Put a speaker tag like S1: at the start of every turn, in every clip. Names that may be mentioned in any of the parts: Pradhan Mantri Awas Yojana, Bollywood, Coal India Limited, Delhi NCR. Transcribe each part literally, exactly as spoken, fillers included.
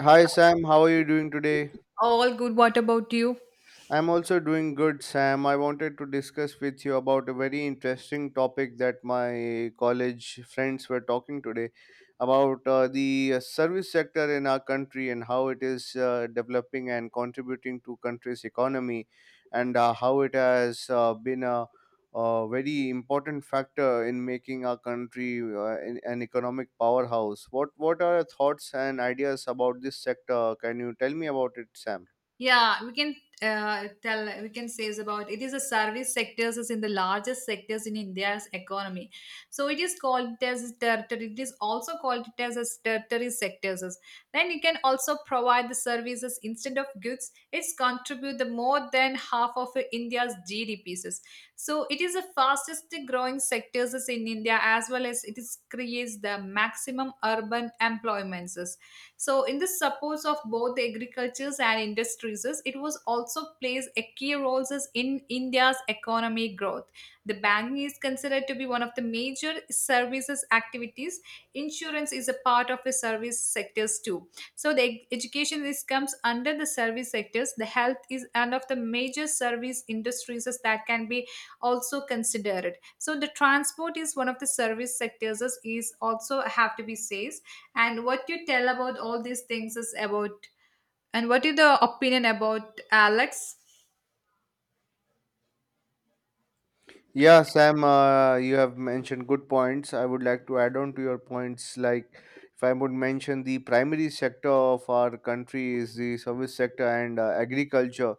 S1: Hi Sam, how are you doing today?
S2: All good. What about you?
S1: I'm also doing good, Sam. I wanted to discuss with you about a very interesting topic that my college friends were talking today about uh, the uh, service sector in our country and how it is uh, developing and contributing to country's economy, and uh, how it has uh, been a, uh very important factor in making our country uh, an an economic powerhouse. What what are your thoughts and ideas about this sector? Can you tell me about it, Sam?
S2: Yeah, we can uh, tell, we can say is about it is a service sectors is in the largest sectors in India's economy. So it is called it as tertiary. It is also called it as a tertiary sectors. Then you can also provide the services instead of goods. It's contribute the more than half of India's G D Ps. So it is the fastest growing sectors in India as well as it is creates the maximum urban employments. So in the supports of both the agricultures and industries, it was also plays a key role in India's economic growth. The banking is considered to be one of the major services activities. Insurance is a part of the service sectors too. So the ed- education is comes under the service sectors. The health is one of the major service industries that can be also considered. So the transport is one of the service sectors is also have to be said. And what you tell about all these things is about, and what is the opinion about Alex?
S1: Yeah, Sam, uh, you have mentioned good points. I would like to add on to your points. Like, if I would mention the primary sector of our country is the service sector and uh, agriculture.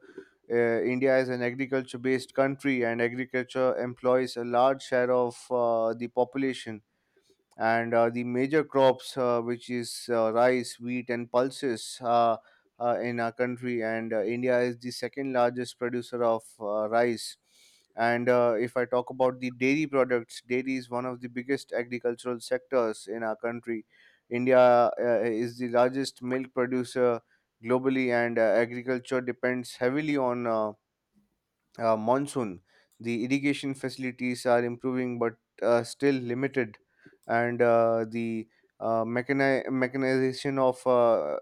S1: Uh, India is an agriculture based country, and agriculture employs a large share of uh, the population, and uh, the major crops uh, which is uh, rice, wheat and pulses uh, uh, in our country, and uh, india is the second largest producer of uh, rice. And uh, if i talk about the dairy products, dairy is one of the biggest agricultural sectors in our country. India uh, is the largest milk producer globally, and uh, agriculture depends heavily on uh, uh, monsoon. The irrigation facilities are improving, but uh, still limited, and uh, the uh, mechani- mechanization of uh, uh,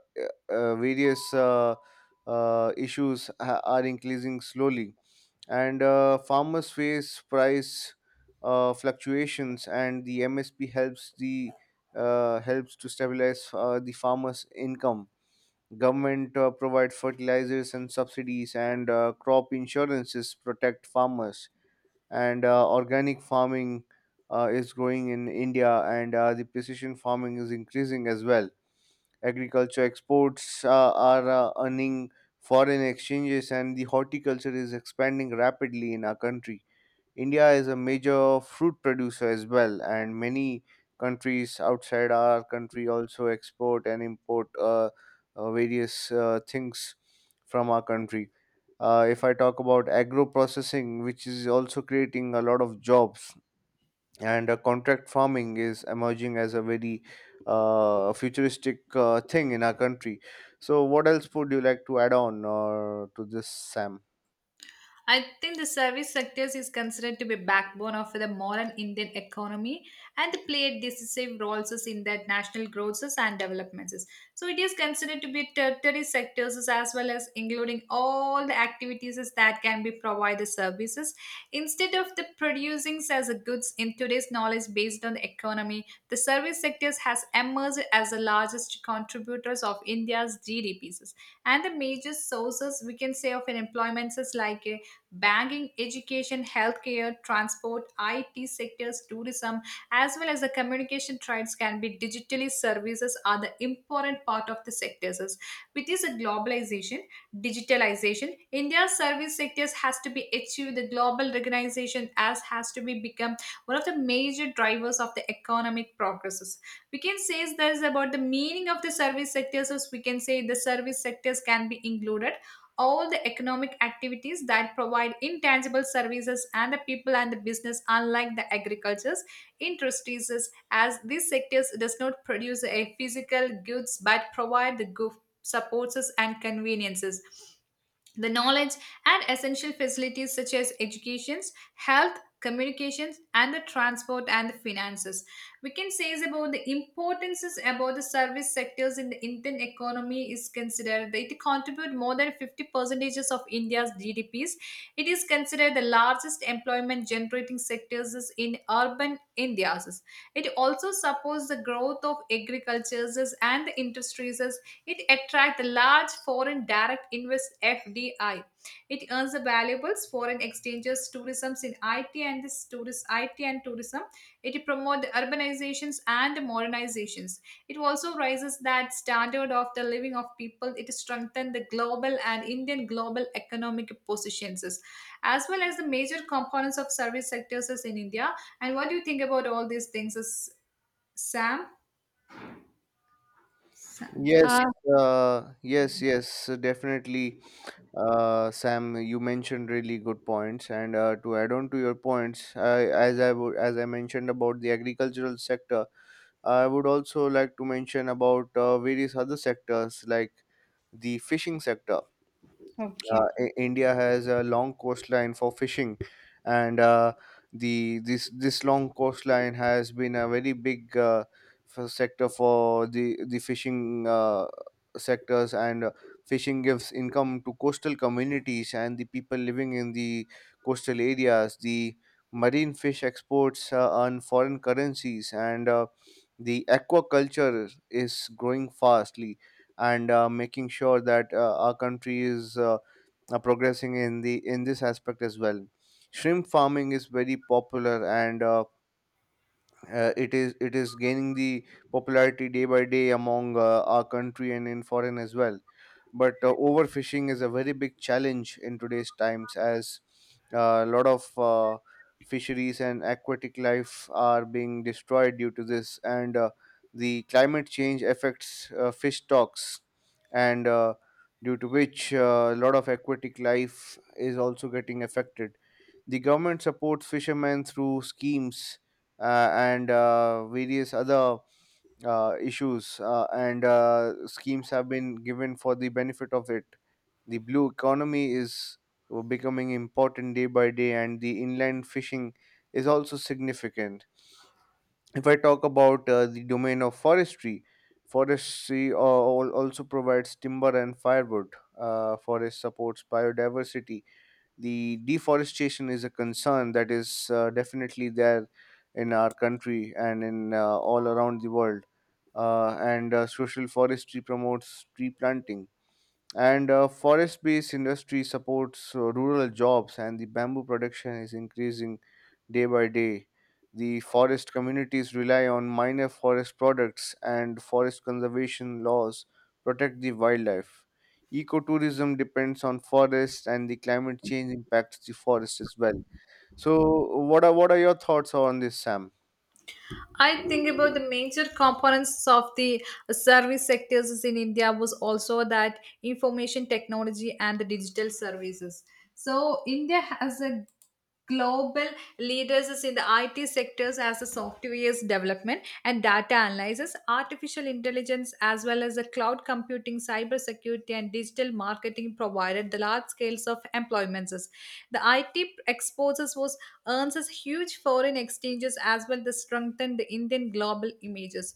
S1: uh, various uh, uh, issues ha- are increasing slowly, and uh, farmers face price uh, fluctuations, and the M S P helps the uh, helps to stabilize uh, the farmers' income. Government uh, provides fertilizers and subsidies, and uh, crop insurances protect farmers. And uh, organic farming uh, is growing in India, and uh, the precision farming is increasing as well. Agriculture exports uh, are uh, earning foreign exchanges, and the horticulture is expanding rapidly in our country. India is a major fruit producer as well, and many countries outside our country also export and import uh, uh, various uh, things from our country. Uh, if I talk about agro processing, which is also creating a lot of jobs, and uh, contract farming is emerging as a very uh, futuristic uh, thing in our country. So, what else would you like to add on uh, to this, Sam?
S2: I think the service sectors is considered to be backbone of the modern Indian economy and they played decisive roles in that national growths and developments. So it is considered to be tertiary sectors as well as including all the activities that can be provide the services instead of the producing as a goods in today's knowledge based on the economy. The service sectors has emerged as the largest contributors of India's G D Ps and the major sources we can say of an employment is like uh, banking, education, healthcare, transport, I T sectors, tourism, as well as the communication trades can be digitally services are the important part of the sectors. With this globalization, digitalization, India's service sectors has to be achieved the global recognition as has to be become one of the major drivers of the economic progresses. We can say this about the meaning of the service sectors as we can say the service sectors can be included all the economic activities that provide intangible services and the people and the business unlike the agricultures industries as these sectors does not produce a physical goods but provide the goods supports and conveniences the knowledge and essential facilities such as educations health communications and the transport and the finances we can say is about the importance is about the service sectors in the indian economy is considered. It contribute more than fifty percentages of india's gdps. It is considered the largest employment generating sectors is in urban india's. It also supports the growth of agricultures and the industries. It attracts large foreign direct invest F D I. It earns the valuables, foreign exchanges, tourism in I T and this tourist I T and tourism. It promotes the urbanizations and the modernizations. It also raises that standard of the living of people. It strengthens the global and Indian global economic positions as well as the major components of service sectors is in India. And what do you think about all these things, is Sam? Sam.
S1: Yes,
S2: Ha,
S1: uh, yes, yes, definitely. Uh, Sam, you mentioned really good points, and uh, to add on to your points, I, as I would as I mentioned about the agricultural sector, I would also like to mention about uh, various other sectors like the fishing sector.
S2: okay.
S1: Uh, I- India has a long coastline for fishing, and uh, the this this long coastline has been a very big uh, f- sector for the the fishing uh, sectors, and uh, fishing gives income to coastal communities and the people living in the coastal areas. The marine fish exports uh, earn foreign currencies, and uh, the aquaculture is growing fastly, and uh, making sure that uh, our country is uh, are progressing in the in this aspect as well. Shrimp farming is very popular, and uh, uh, it is it is gaining the popularity day by day among uh, our country and in foreign as well, but uh, overfishing is a very big challenge in today's times, as uh, a lot of uh, fisheries and aquatic life are being destroyed due to this. And uh, the climate change affects uh, fish stocks, and uh, due to which uh, a lot of aquatic life is also getting affected. The government supports fishermen through schemes, uh, and uh, various other uh, issues, uh, and uh, schemes have been given for the benefit of it. The blue economy is becoming important day by day, and the inland fishing is also significant. If I talk about uh, the domain of forestry, forestry al- al- also provides timber and firewood. Uh, forest supports biodiversity. The deforestation is a concern that is uh, definitely there in our country and in uh, all around the world. Uh, and uh, Social forestry promotes tree planting, and uh, forest-based industry supports uh, rural jobs, and the bamboo production is increasing day by day. The forest communities rely on minor forest products, and forest conservation laws protect the wildlife. Ecotourism depends on forests, and the climate change impacts the forest as well. So, what are what are your thoughts on this, Sam?
S2: I think about the major components of the service sectors in India was also that information technology and the digital services. So India has a global leaders is in the I T sectors as the software's development and data analysis, artificial intelligence, as well as the cloud computing, cybersecurity, and digital marketing provided the large scales of employments. The I T exposures was earns us huge foreign exchanges as well that strengthened the Indian global images.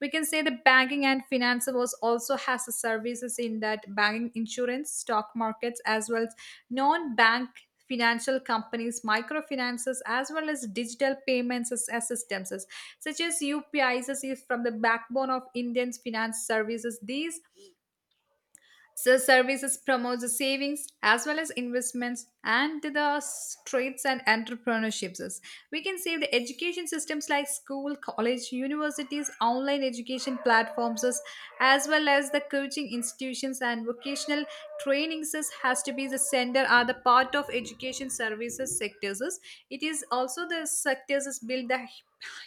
S2: We can say the banking and finance was also has the services in that banking, insurance, stock markets, as well as non-bank financial companies, microfinances, as well as digital payments as, as systems, such as U P Is, as is is from the backbone of Indians finance services. These so services promotes the savings as well as investments and the trades and entrepreneurships. We can save the education systems like school, college, universities, online education platforms, as well as the coaching institutions and vocational trainings has to be the center are the part of education services sectors. It is also the sectors build the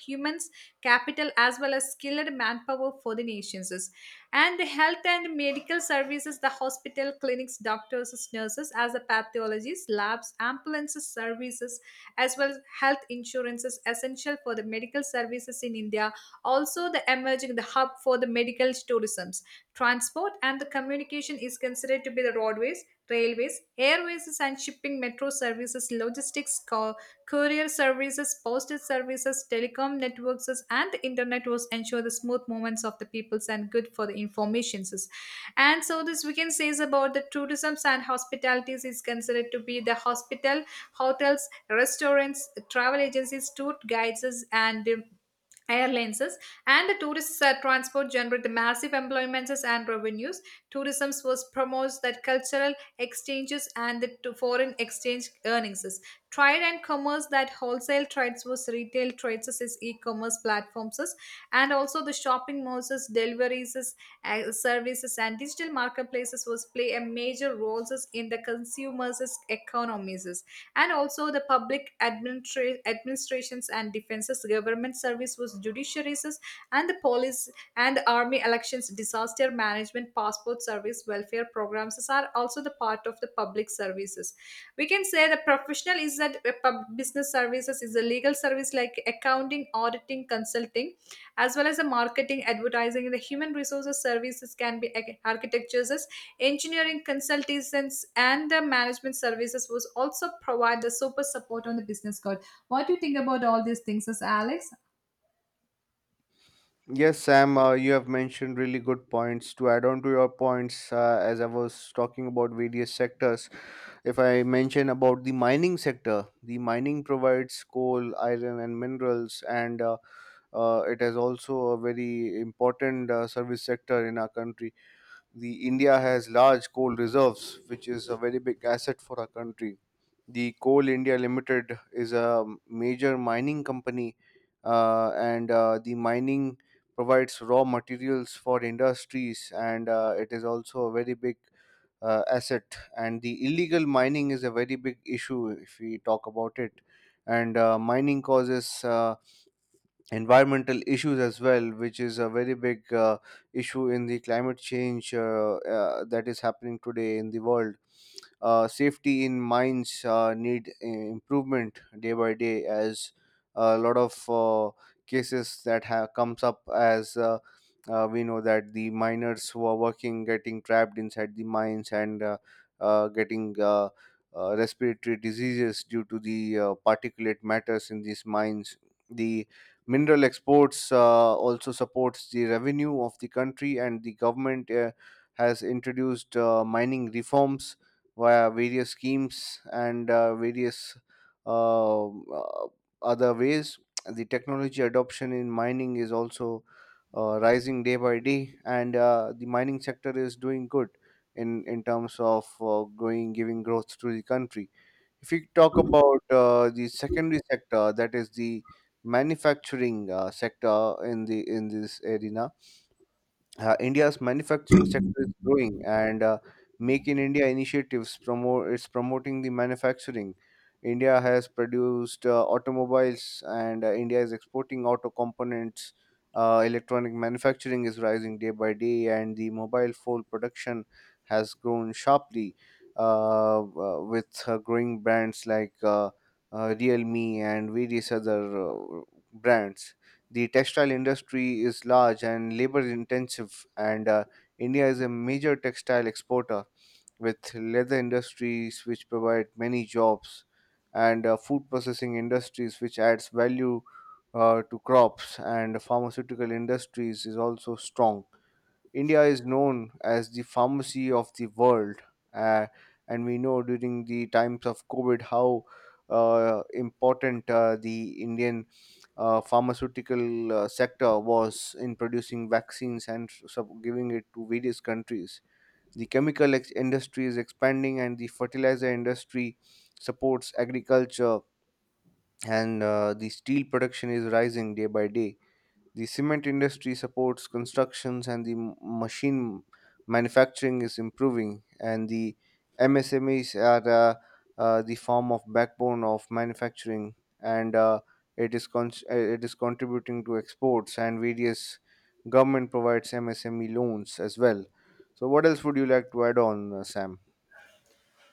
S2: humans capital as well as skilled manpower for the nations. And the health and medical services, the hospital, clinics, doctors, nurses, as the pathologists, labs, ambulances, services, as well as health insurances essential for the medical services in India. Also, the emerging the hub for the medical tourisms. Transport and the communication is considered to be the roadways, railways, airways, and shipping, metro services, logistics, co- Courier services, postage services, telecom networks, and the internet was ensure the smooth movements of the peoples and good for the informations. And so this we can say is about the tourism and hospitalities is considered to be the hospital, hotels, restaurants, travel agencies, tour guides, and um, airlines and the tourist uh, transport generate the massive employments and revenues. Tourism was promotes that cultural exchanges and the to- foreign exchange earnings. Trade and commerce that wholesale trades was retail trades is e-commerce platforms and also the shopping malls deliveries uh, services and digital marketplaces was play a major roles in the consumers economies, and also the public administra- administrations and defenses government service, was judiciaries and the police and army elections disaster management passport service welfare programs are also the part of the public services. We can say the professional is that a pub- business services is a legal service like accounting auditing consulting as well as the marketing advertising and the human resources services can be ag- architectures engineering consultants and the management services was also provide the super support on the business card. What do you think about all these things, as Alex?
S1: Yes, Sam, uh, you have mentioned really good points. To add on to your points, uh, as I was talking about various sectors, if I mention about the mining sector, the mining provides coal, iron, and minerals, and uh, uh, it is also a very important uh, service sector in our country. The India has large coal reserves, which is a very big asset for our country. The Coal India Limited is a major mining company, uh, and uh, the mining provides raw materials for industries, and uh, it is also a very big uh, asset. And the illegal mining is a very big issue if we talk about it. And uh, mining causes uh, environmental issues as well, which is a very big uh, issue in the climate change uh, uh, that is happening today in the world. Uh, safety in mines uh, need i- improvement day by day, as a lot of uh, cases that have comes up as. Uh, uh, we know that the miners who are working getting trapped inside the mines, and uh, uh, getting uh, uh, respiratory diseases due to the uh, particulate matters in these mines. The Mineral exports uh, also supports the revenue of the country, and the government uh, has introduced uh, mining reforms via various schemes, and uh, various uh, uh, other ways. The technology adoption in mining is also uh, rising day by day, and uh, the mining sector is doing good in in terms of uh, going giving growth to the country. If we talk about uh, the secondary sector, that is the manufacturing uh, sector in the in this arena, uh, India's manufacturing sector is growing, and uh, Make in India initiatives promote it's promoting the manufacturing. India has produced uh, automobiles, and uh, India is exporting auto components. Uh, electronic manufacturing is rising day by day, and the mobile phone production has grown sharply, uh, uh, with uh, growing brands like uh, uh, Realme and various other uh, brands. The textile industry is large and labor intensive, and uh, India is a major textile exporter, with leather industries which provide many jobs, and uh, food processing industries which adds value uh, to crops, and pharmaceutical industries is also strong. India is known as the pharmacy of the world, uh, and we know during the times of COVID how uh, important uh, the Indian uh, pharmaceutical uh, sector was in producing vaccines, and sub- giving it to various countries. The chemical ex- industry is expanding, and the fertilizer industry supports agriculture, and uh, the steel production is rising day by day. The cement industry supports constructions, and the m- machine manufacturing is improving, and the M S M Es are uh, uh, the form of backbone of manufacturing, and uh, it is con- uh, it is contributing to exports, and various government provides M S M E loans as well. So, what else would you like to add on, uh, Sam?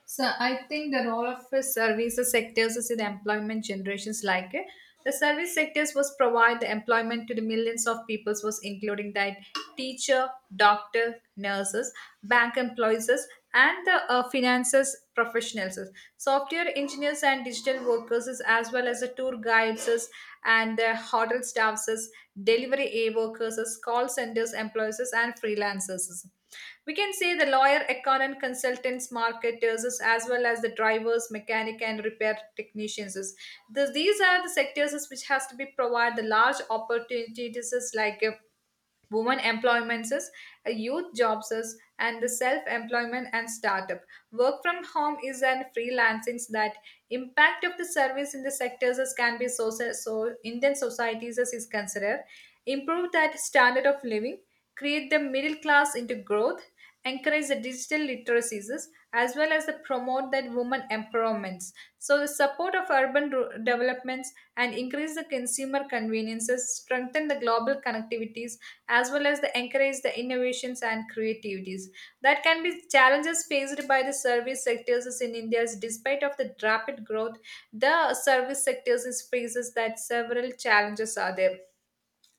S2: So I think the role of the services sectors is in employment generations like it. The service sectors was provide the employment to the millions of people was including that teacher, doctor, nurses, bank employees, and the uh, finances professionals, software engineers and digital workers, as well as the tour guides and the hotel staffs, delivery workers, call centers employees, and freelancers. We can say the lawyer, accountant, consultants, marketers, is- as well as the drivers, mechanic, and repair technicians. Is. The- These are the sectors is which has to be provide the large opportunities is like. Uh, women employments is uh, youth jobs is and the self employment and startup work from home is and freelancing is that impact of the service in the sectors as can be so so so, indian societies as is considered improve that standard of living, create the middle class into growth, encourage the digital literacies as well as the promote that women empowerments, so the support of urban ro- developments and increase the consumer conveniences strengthen the global connectivities as well as the encourage the innovations and creativities. That can be challenges faced by the service sectors is in india is despite of the rapid growth. The service sectors is faces that several challenges are there.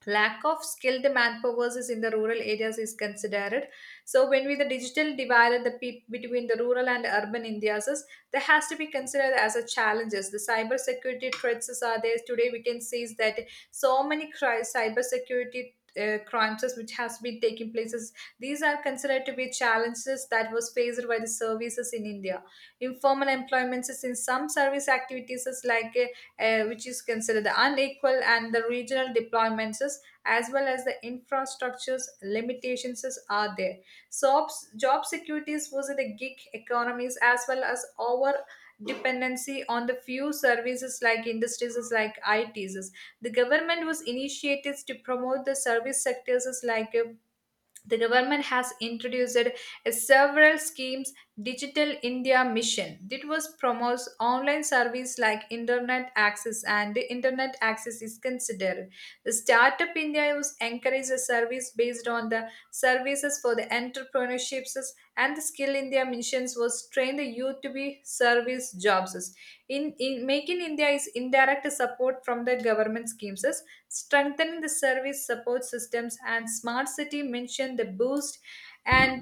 S2: Lack of skilled manpowers is in the rural areas is considered. So when we the digital divide and the peop between the rural and urban indias is there has to be considered as a challenges. The cyber security threats is are there today we can see is that so many cri- cyber security uh, crimes is which has been taking places. These are considered to be challenges that was faced by the services in india. Informal employments is in some service activities is like uh, uh, which is considered unequal, and the regional deployments is- as well as the infrastructures limitations is- are there. So, job securities was in the gig economies as well as our dependency on the few services like industries is like I Ts. Is. The government was initiatives to promote the service sectors is like uh, the government has introduced a several schemes. Digital india mission that was promotes online service like internet access and internet access is considered. The startup india was encouraged a service based on the services for the entrepreneurships and the skill India missions was train the youth to be service jobs. In, in making India is indirect support from the government schemes, is strengthening the service support systems and smart city mentioned the boost and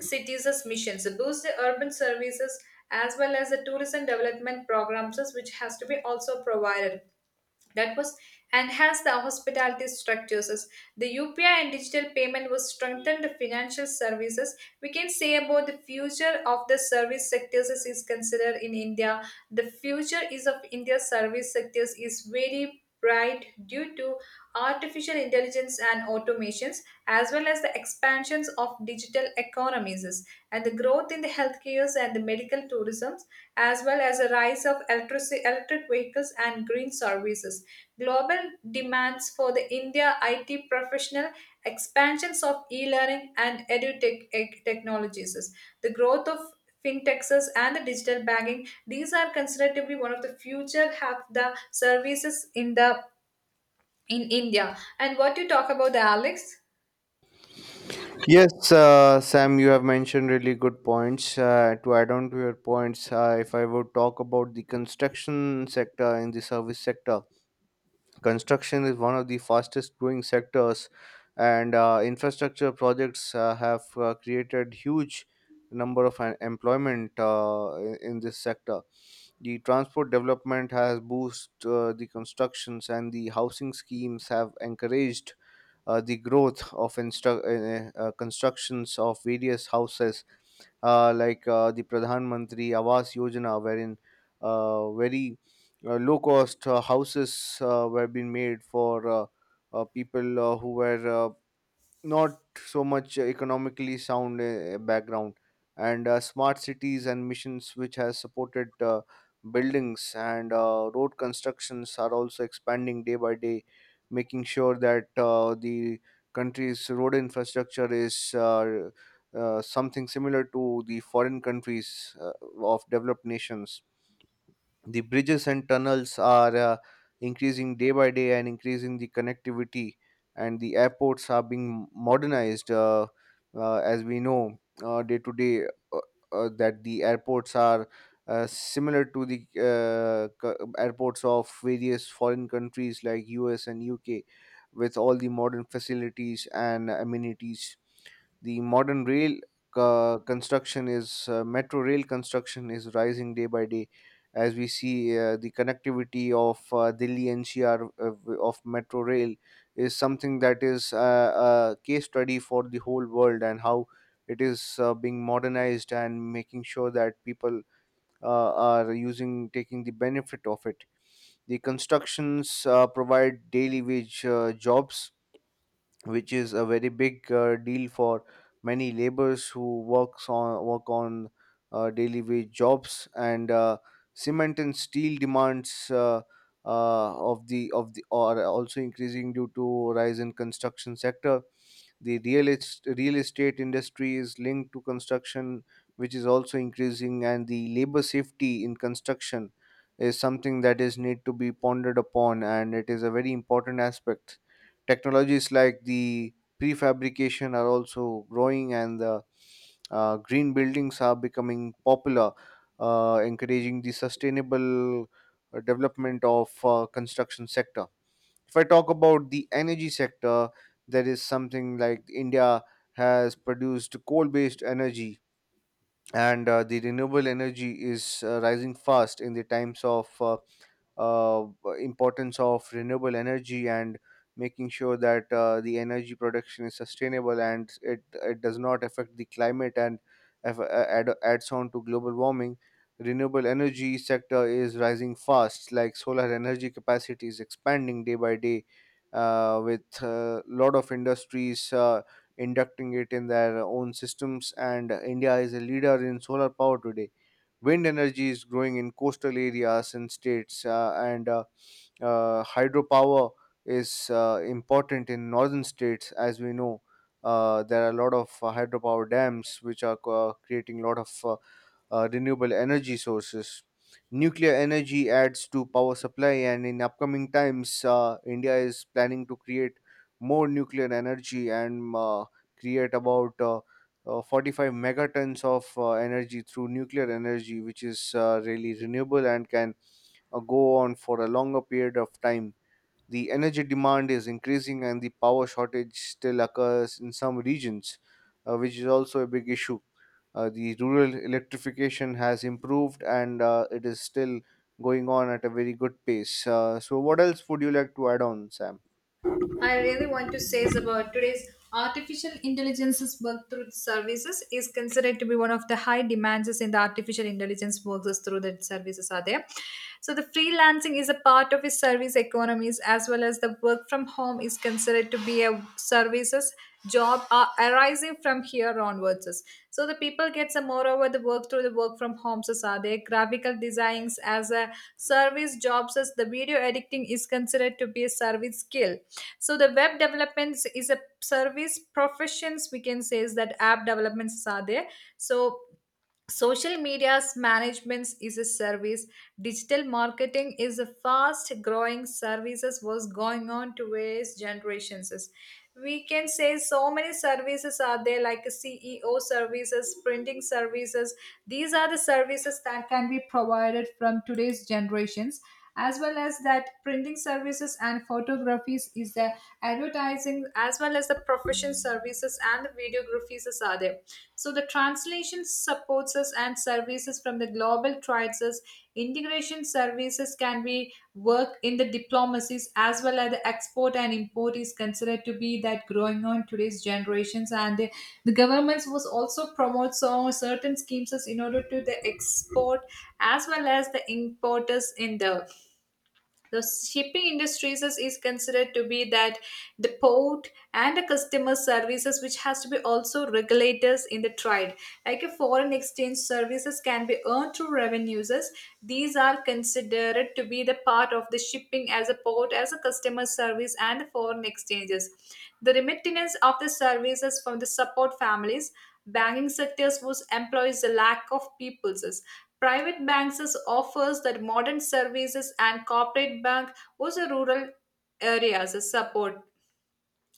S2: cities as missions, boost the urban services as well as the tourism development programs as which has to be also provided that was enhanced the hospitality structures as the U P I and digital payment was strengthened the financial services. We can say about the future of the service sectors as is considered in india. The future is of india service sectors is very rapidly bright due to artificial intelligence and automations, as well as the expansions of digital economies and the growth in the healthcare and the medical tourism, as well as the rise of electric, electric vehicles and green services. Global demands for the India I T professional expansions of e-learning and edutech ec- technologies, the growth of fintechs and the digital banking, these are considered to be one of the future have the services in the in india and what you talk about the alex.
S1: Yes, uh, Sam, you have mentioned really good points. Uh, to add on to your points, uh, if I would talk about the construction sector and the service sector, construction is one of the fastest growing sectors, and uh, infrastructure projects uh, have uh, created huge number of uh, employment uh, in in this sector. The transport development has boosted uh, the constructions, and the housing schemes have encouraged uh, the growth of instru- uh, uh, uh, constructions of various houses, uh, like uh, the Pradhan Mantri Awas Yojana, wherein uh, very uh, low cost uh, houses uh, were being made for uh, uh, people uh, who were uh, not so much economically sound uh, background, and uh, smart cities and missions which has supported uh, buildings and uh, road constructions are also expanding day by day, making sure that uh, the country's road infrastructure is uh, uh, something similar to the foreign countries uh, of developed nations. The bridges and tunnels are uh, increasing day by day and increasing the connectivity, and the airports are being modernized, uh, uh, as we know uh, day to day uh, uh, that the airports are uh, similar to the uh, co- airports of various foreign countries like U S and U K, with all the modern facilities and amenities. The modern rail uh, construction is uh, metro rail construction is rising day by day, as we see uh, the connectivity of uh, Delhi N C R of, of metro rail is something that is uh, a case study for the whole world, and how it is uh, being modernized and making sure that people uh, are using taking the benefit of it. The constructions uh, provide daily wage uh, jobs which is a very big uh, deal for many laborers who works on work on uh, daily wage jobs and uh, cement and steel demands uh, uh, of the of the are also increasing due to rise in construction sector. The real, est- real estate industry is linked to construction, which is also increasing, and the labor safety in construction is something that is need to be pondered upon, and it is a very important aspect. Technologies like the prefabrication are also growing, and the uh, green buildings are becoming popular, uh, encouraging the sustainable uh, development of uh, construction sector. If I talk about the energy sector, there is something like India has produced coal based energy, and uh, the renewable energy is uh, rising fast in the times of uh, uh, importance of renewable energy, and making sure that uh, the energy production is sustainable and it it does not affect the climate and aff- uh, add, adds on to global warming. Renewable energy sector is rising fast. Like, solar energy capacity is expanding day by day, uh, with a lot of industries uh, inducting it in their own systems, and India is a leader in solar power today. Wind energy is growing in coastal areas and states, uh, and uh, uh, hydropower is uh, important in northern states. As we know, uh, there are a lot of uh, hydropower dams which are uh, creating a lot of uh, uh, renewable energy sources. Nuclear energy adds to power supply, and in upcoming times, uh, India is planning to create more nuclear energy and uh, create about uh, uh, forty-five megatons of uh, energy through nuclear energy, which is uh, really renewable and can uh, go on for a longer period of time. The energy demand is increasing, and the power shortage still occurs in some regions, uh, which is also a big issue. Uh, the rural electrification has improved, and uh, it is still going on at a very good pace. Uh, so, what else would you like to add on, Sam?
S2: I really want to say is about today's artificial intelligence's work through services is considered to be one of the high demands in the artificial intelligence works through the services are there. So the freelancing is a part of his service economies, as well as the work from home is considered to be a services job uh, arising from here onwards is. So the people gets a moreover the work through the work from homes as are there, graphical designs as a service jobs, as the video editing is considered to be a service skill. So the web developments is a service professions, we can say is that app developments are there. So social media's management is a service. Digital marketing is a fast growing services was going on to various generations. We can say so many services are there like C E O services, printing services. These are the services that can be provided from today's generations, as well as that printing services and photographies is the advertising, as well as the profession services and the videographies are there. So the translation supports us and services from the global trades us. Integration services can be work in the diplomacies, as well as the export and import is considered to be that growing on today's generations, and the, the governments was also promote so certain schemes as in order to the export, as well as the importers in the the shipping industries is, is considered to be that the port and the customer services which has to be also regulators in the trade, like a foreign exchange services can be earned through revenues. These are considered to be the part of the shipping as a port as a customer service and foreign exchanges, the remittance of the services from the support families. Banking sectors was employs the lack of peoples. Private banks is offers that modern services, and corporate bank was a rural areas support.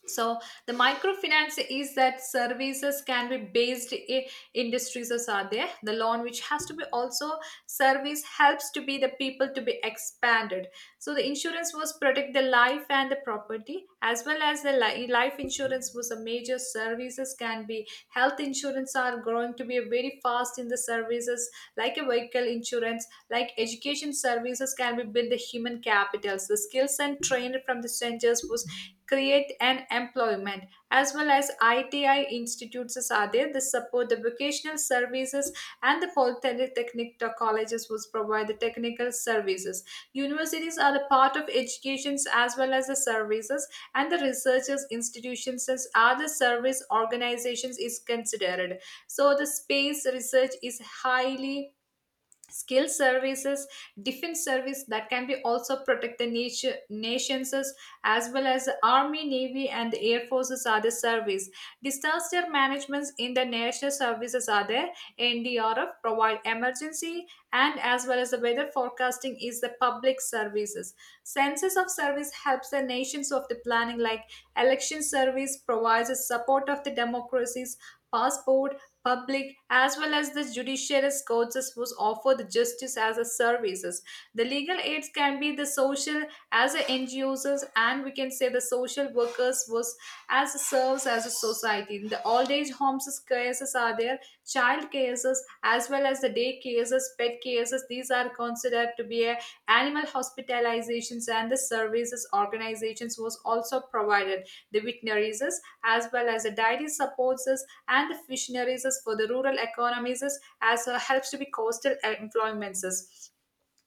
S2: So the microfinance is that services can be based i- industries as are there, the loan which has to be also service helps to be the people to be expanded. So the insurance was protect the life and the property, as well as the li- life insurance was a major services can be health insurance are growing to be very fast in the services, like a vehicle insurance, like education services can be build the human capitals, the skills and trained from the centers was create an employment. As well as I T I institutes are there. They support the vocational services, and the polytechnic colleges will provide the technical services. Universities are the part of educations as well as the services, and the researchers institutions as are the service organizations is considered. So the space research is highly skill services. Defense service that can be also protect the nation, nations as as well as army, navy and the air forces are the service. Disaster management in the national services are the N D R F provide emergency, and as well as the weather forecasting is the public services. Census of service helps the nations of the planning, like election service provides a support of the democracies, passport public, as well as the judiciary courts must offer the justice as a services. The legal aids can be the social as a N G Os, and we can say the social workers was as a serves as a society. The old age homes cases are there, child cases, as well as the day cases, pet cases, these are considered to be a animal hospitalizations, and the services organizations was also provided. The veterinaries as well as the dairy supports and the fisheries for the rural economies as well helps to be coastal employments.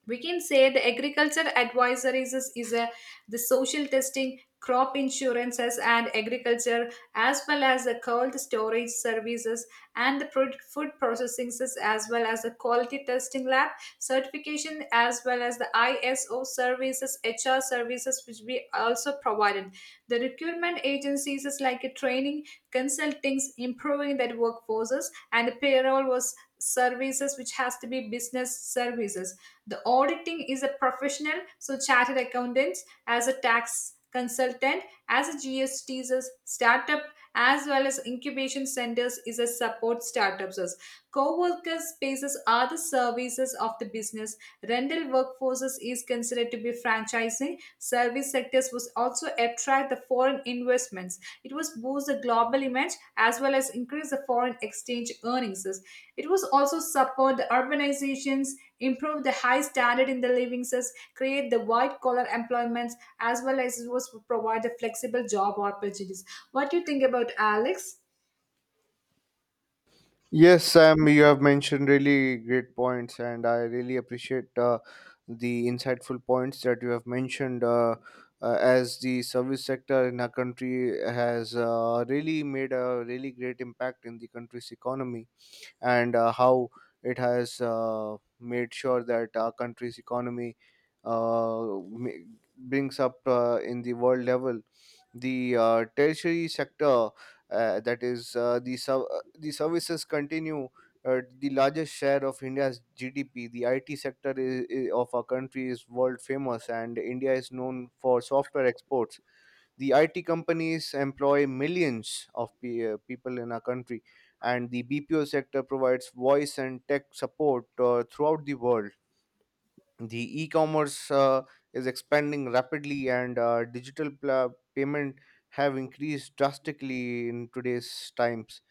S2: We can say the agriculture advisories is, is a the social testing, crop insurances and agriculture, as well as the cold storage services, and the pro- food processing sys- as well as the quality testing lab certification, as well as the I S O services, H R services which we also provided. The recruitment agencies is like a training consultings improving that workforces, and the payroll was services which has to be business services. The auditing is a professional, so chartered accountants, as a tax consultant, as a G S T is a startup, as well as incubation centers is a support startups. Co-worker spaces are the services of the business. Rental workforces is considered to be franchising. Service sectors was also attract the foreign investments. It was boost the global image, as well as increase the foreign exchange earnings. It was also support the urbanizations, improve the high standard in the living, create the white collar employments, as well as it was provide the flexible job opportunities. What do you think about Alex?
S1: Yes, Sam, you have mentioned really great points, and I really appreciate uh, the insightful points that you have mentioned. Uh, uh, as the service sector in our country has uh, really made a really great impact in the country's economy, and uh, how it has uh, made sure that our country's economy uh, ma- brings up uh, in the world level. The uh, tertiary sector, uh, that is uh, the sub- uh, the services, continue uh, the largest share of India's G D P. The I T sector is, is- of our country is world famous, and India is known for software exports. The I T companies employ millions of pe- uh, people in our country, and the B P O sector provides voice and tech support uh, throughout the world. The e-commerce uh, is expanding rapidly, and uh, digital pla- payment have increased drastically in today's times.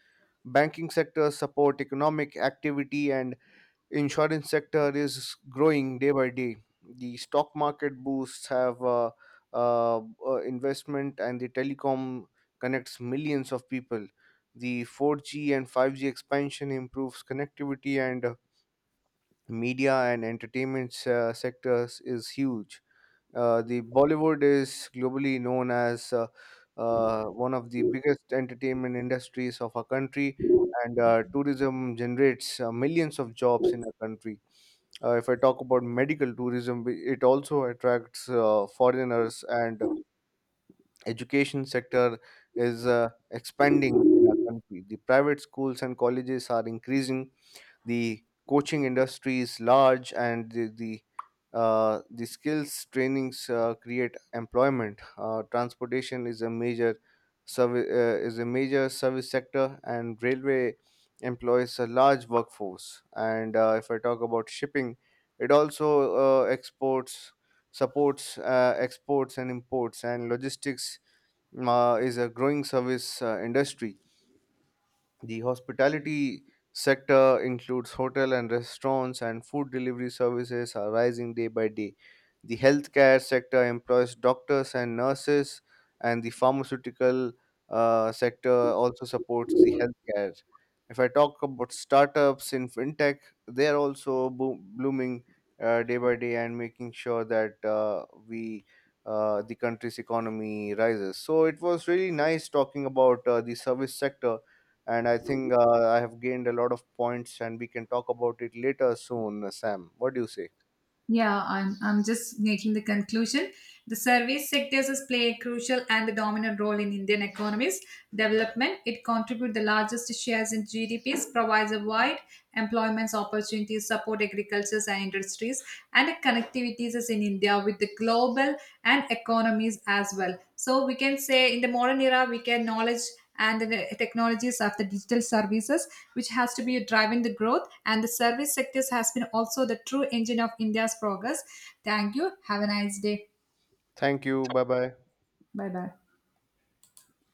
S1: Banking sectors support economic activity, and insurance sector is growing day by day. The stock market boosts have uh, uh, uh, investment, and the telecom connects millions of people. The four G and five G expansion improves connectivity, and uh, media and entertainment uh, sectors is huge. Uh, the Bollywood is globally known as uh, uh, one of the biggest entertainment industries of our country, and uh, tourism generates uh, millions of jobs in our country. Uh, if I talk about medical tourism, we- it also attracts uh, foreigners, and education sector is uh, expanding in our country. The private schools and colleges are increasing. The coaching industry is large, and the, the uh, the skills trainings uh, create employment. Uh, transportation is a major service uh, is a major service sector, and railway employs a large workforce. And uh, if I talk about shipping, it also uh, exports supports uh, exports and imports, and logistics uh, is a growing service uh, industry. The hospitality sector includes hotel and restaurants, and food delivery services are rising day by day. The healthcare sector employs doctors and nurses, and the pharmaceutical uh, sector also supports the healthcare. If I talk about startups in fintech, they are also boom, blooming uh, day by day and making sure that uh, we uh, the country's economy rises. So it was really nice talking about uh, the service sector, and I think uh, I have gained a lot of points, and we can talk about it later soon. Sam, what do you say?
S2: Yeah, I'm, I'm just making the conclusion. The service sectors has play a crucial and the dominant role in Indian economies development. It contributes the largest shares in G D Ps, provides a wide employment opportunities, support agriculture and industries, and connectivities is in India with the global and economies as well. So we can say in the modern era, we can knowledge and the technologies of the digital services which has to be driving the growth, and the service sectors has been also the true engine of India's progress. Thank you, have a nice day.
S1: Thank you. Bye bye.
S2: Bye bye.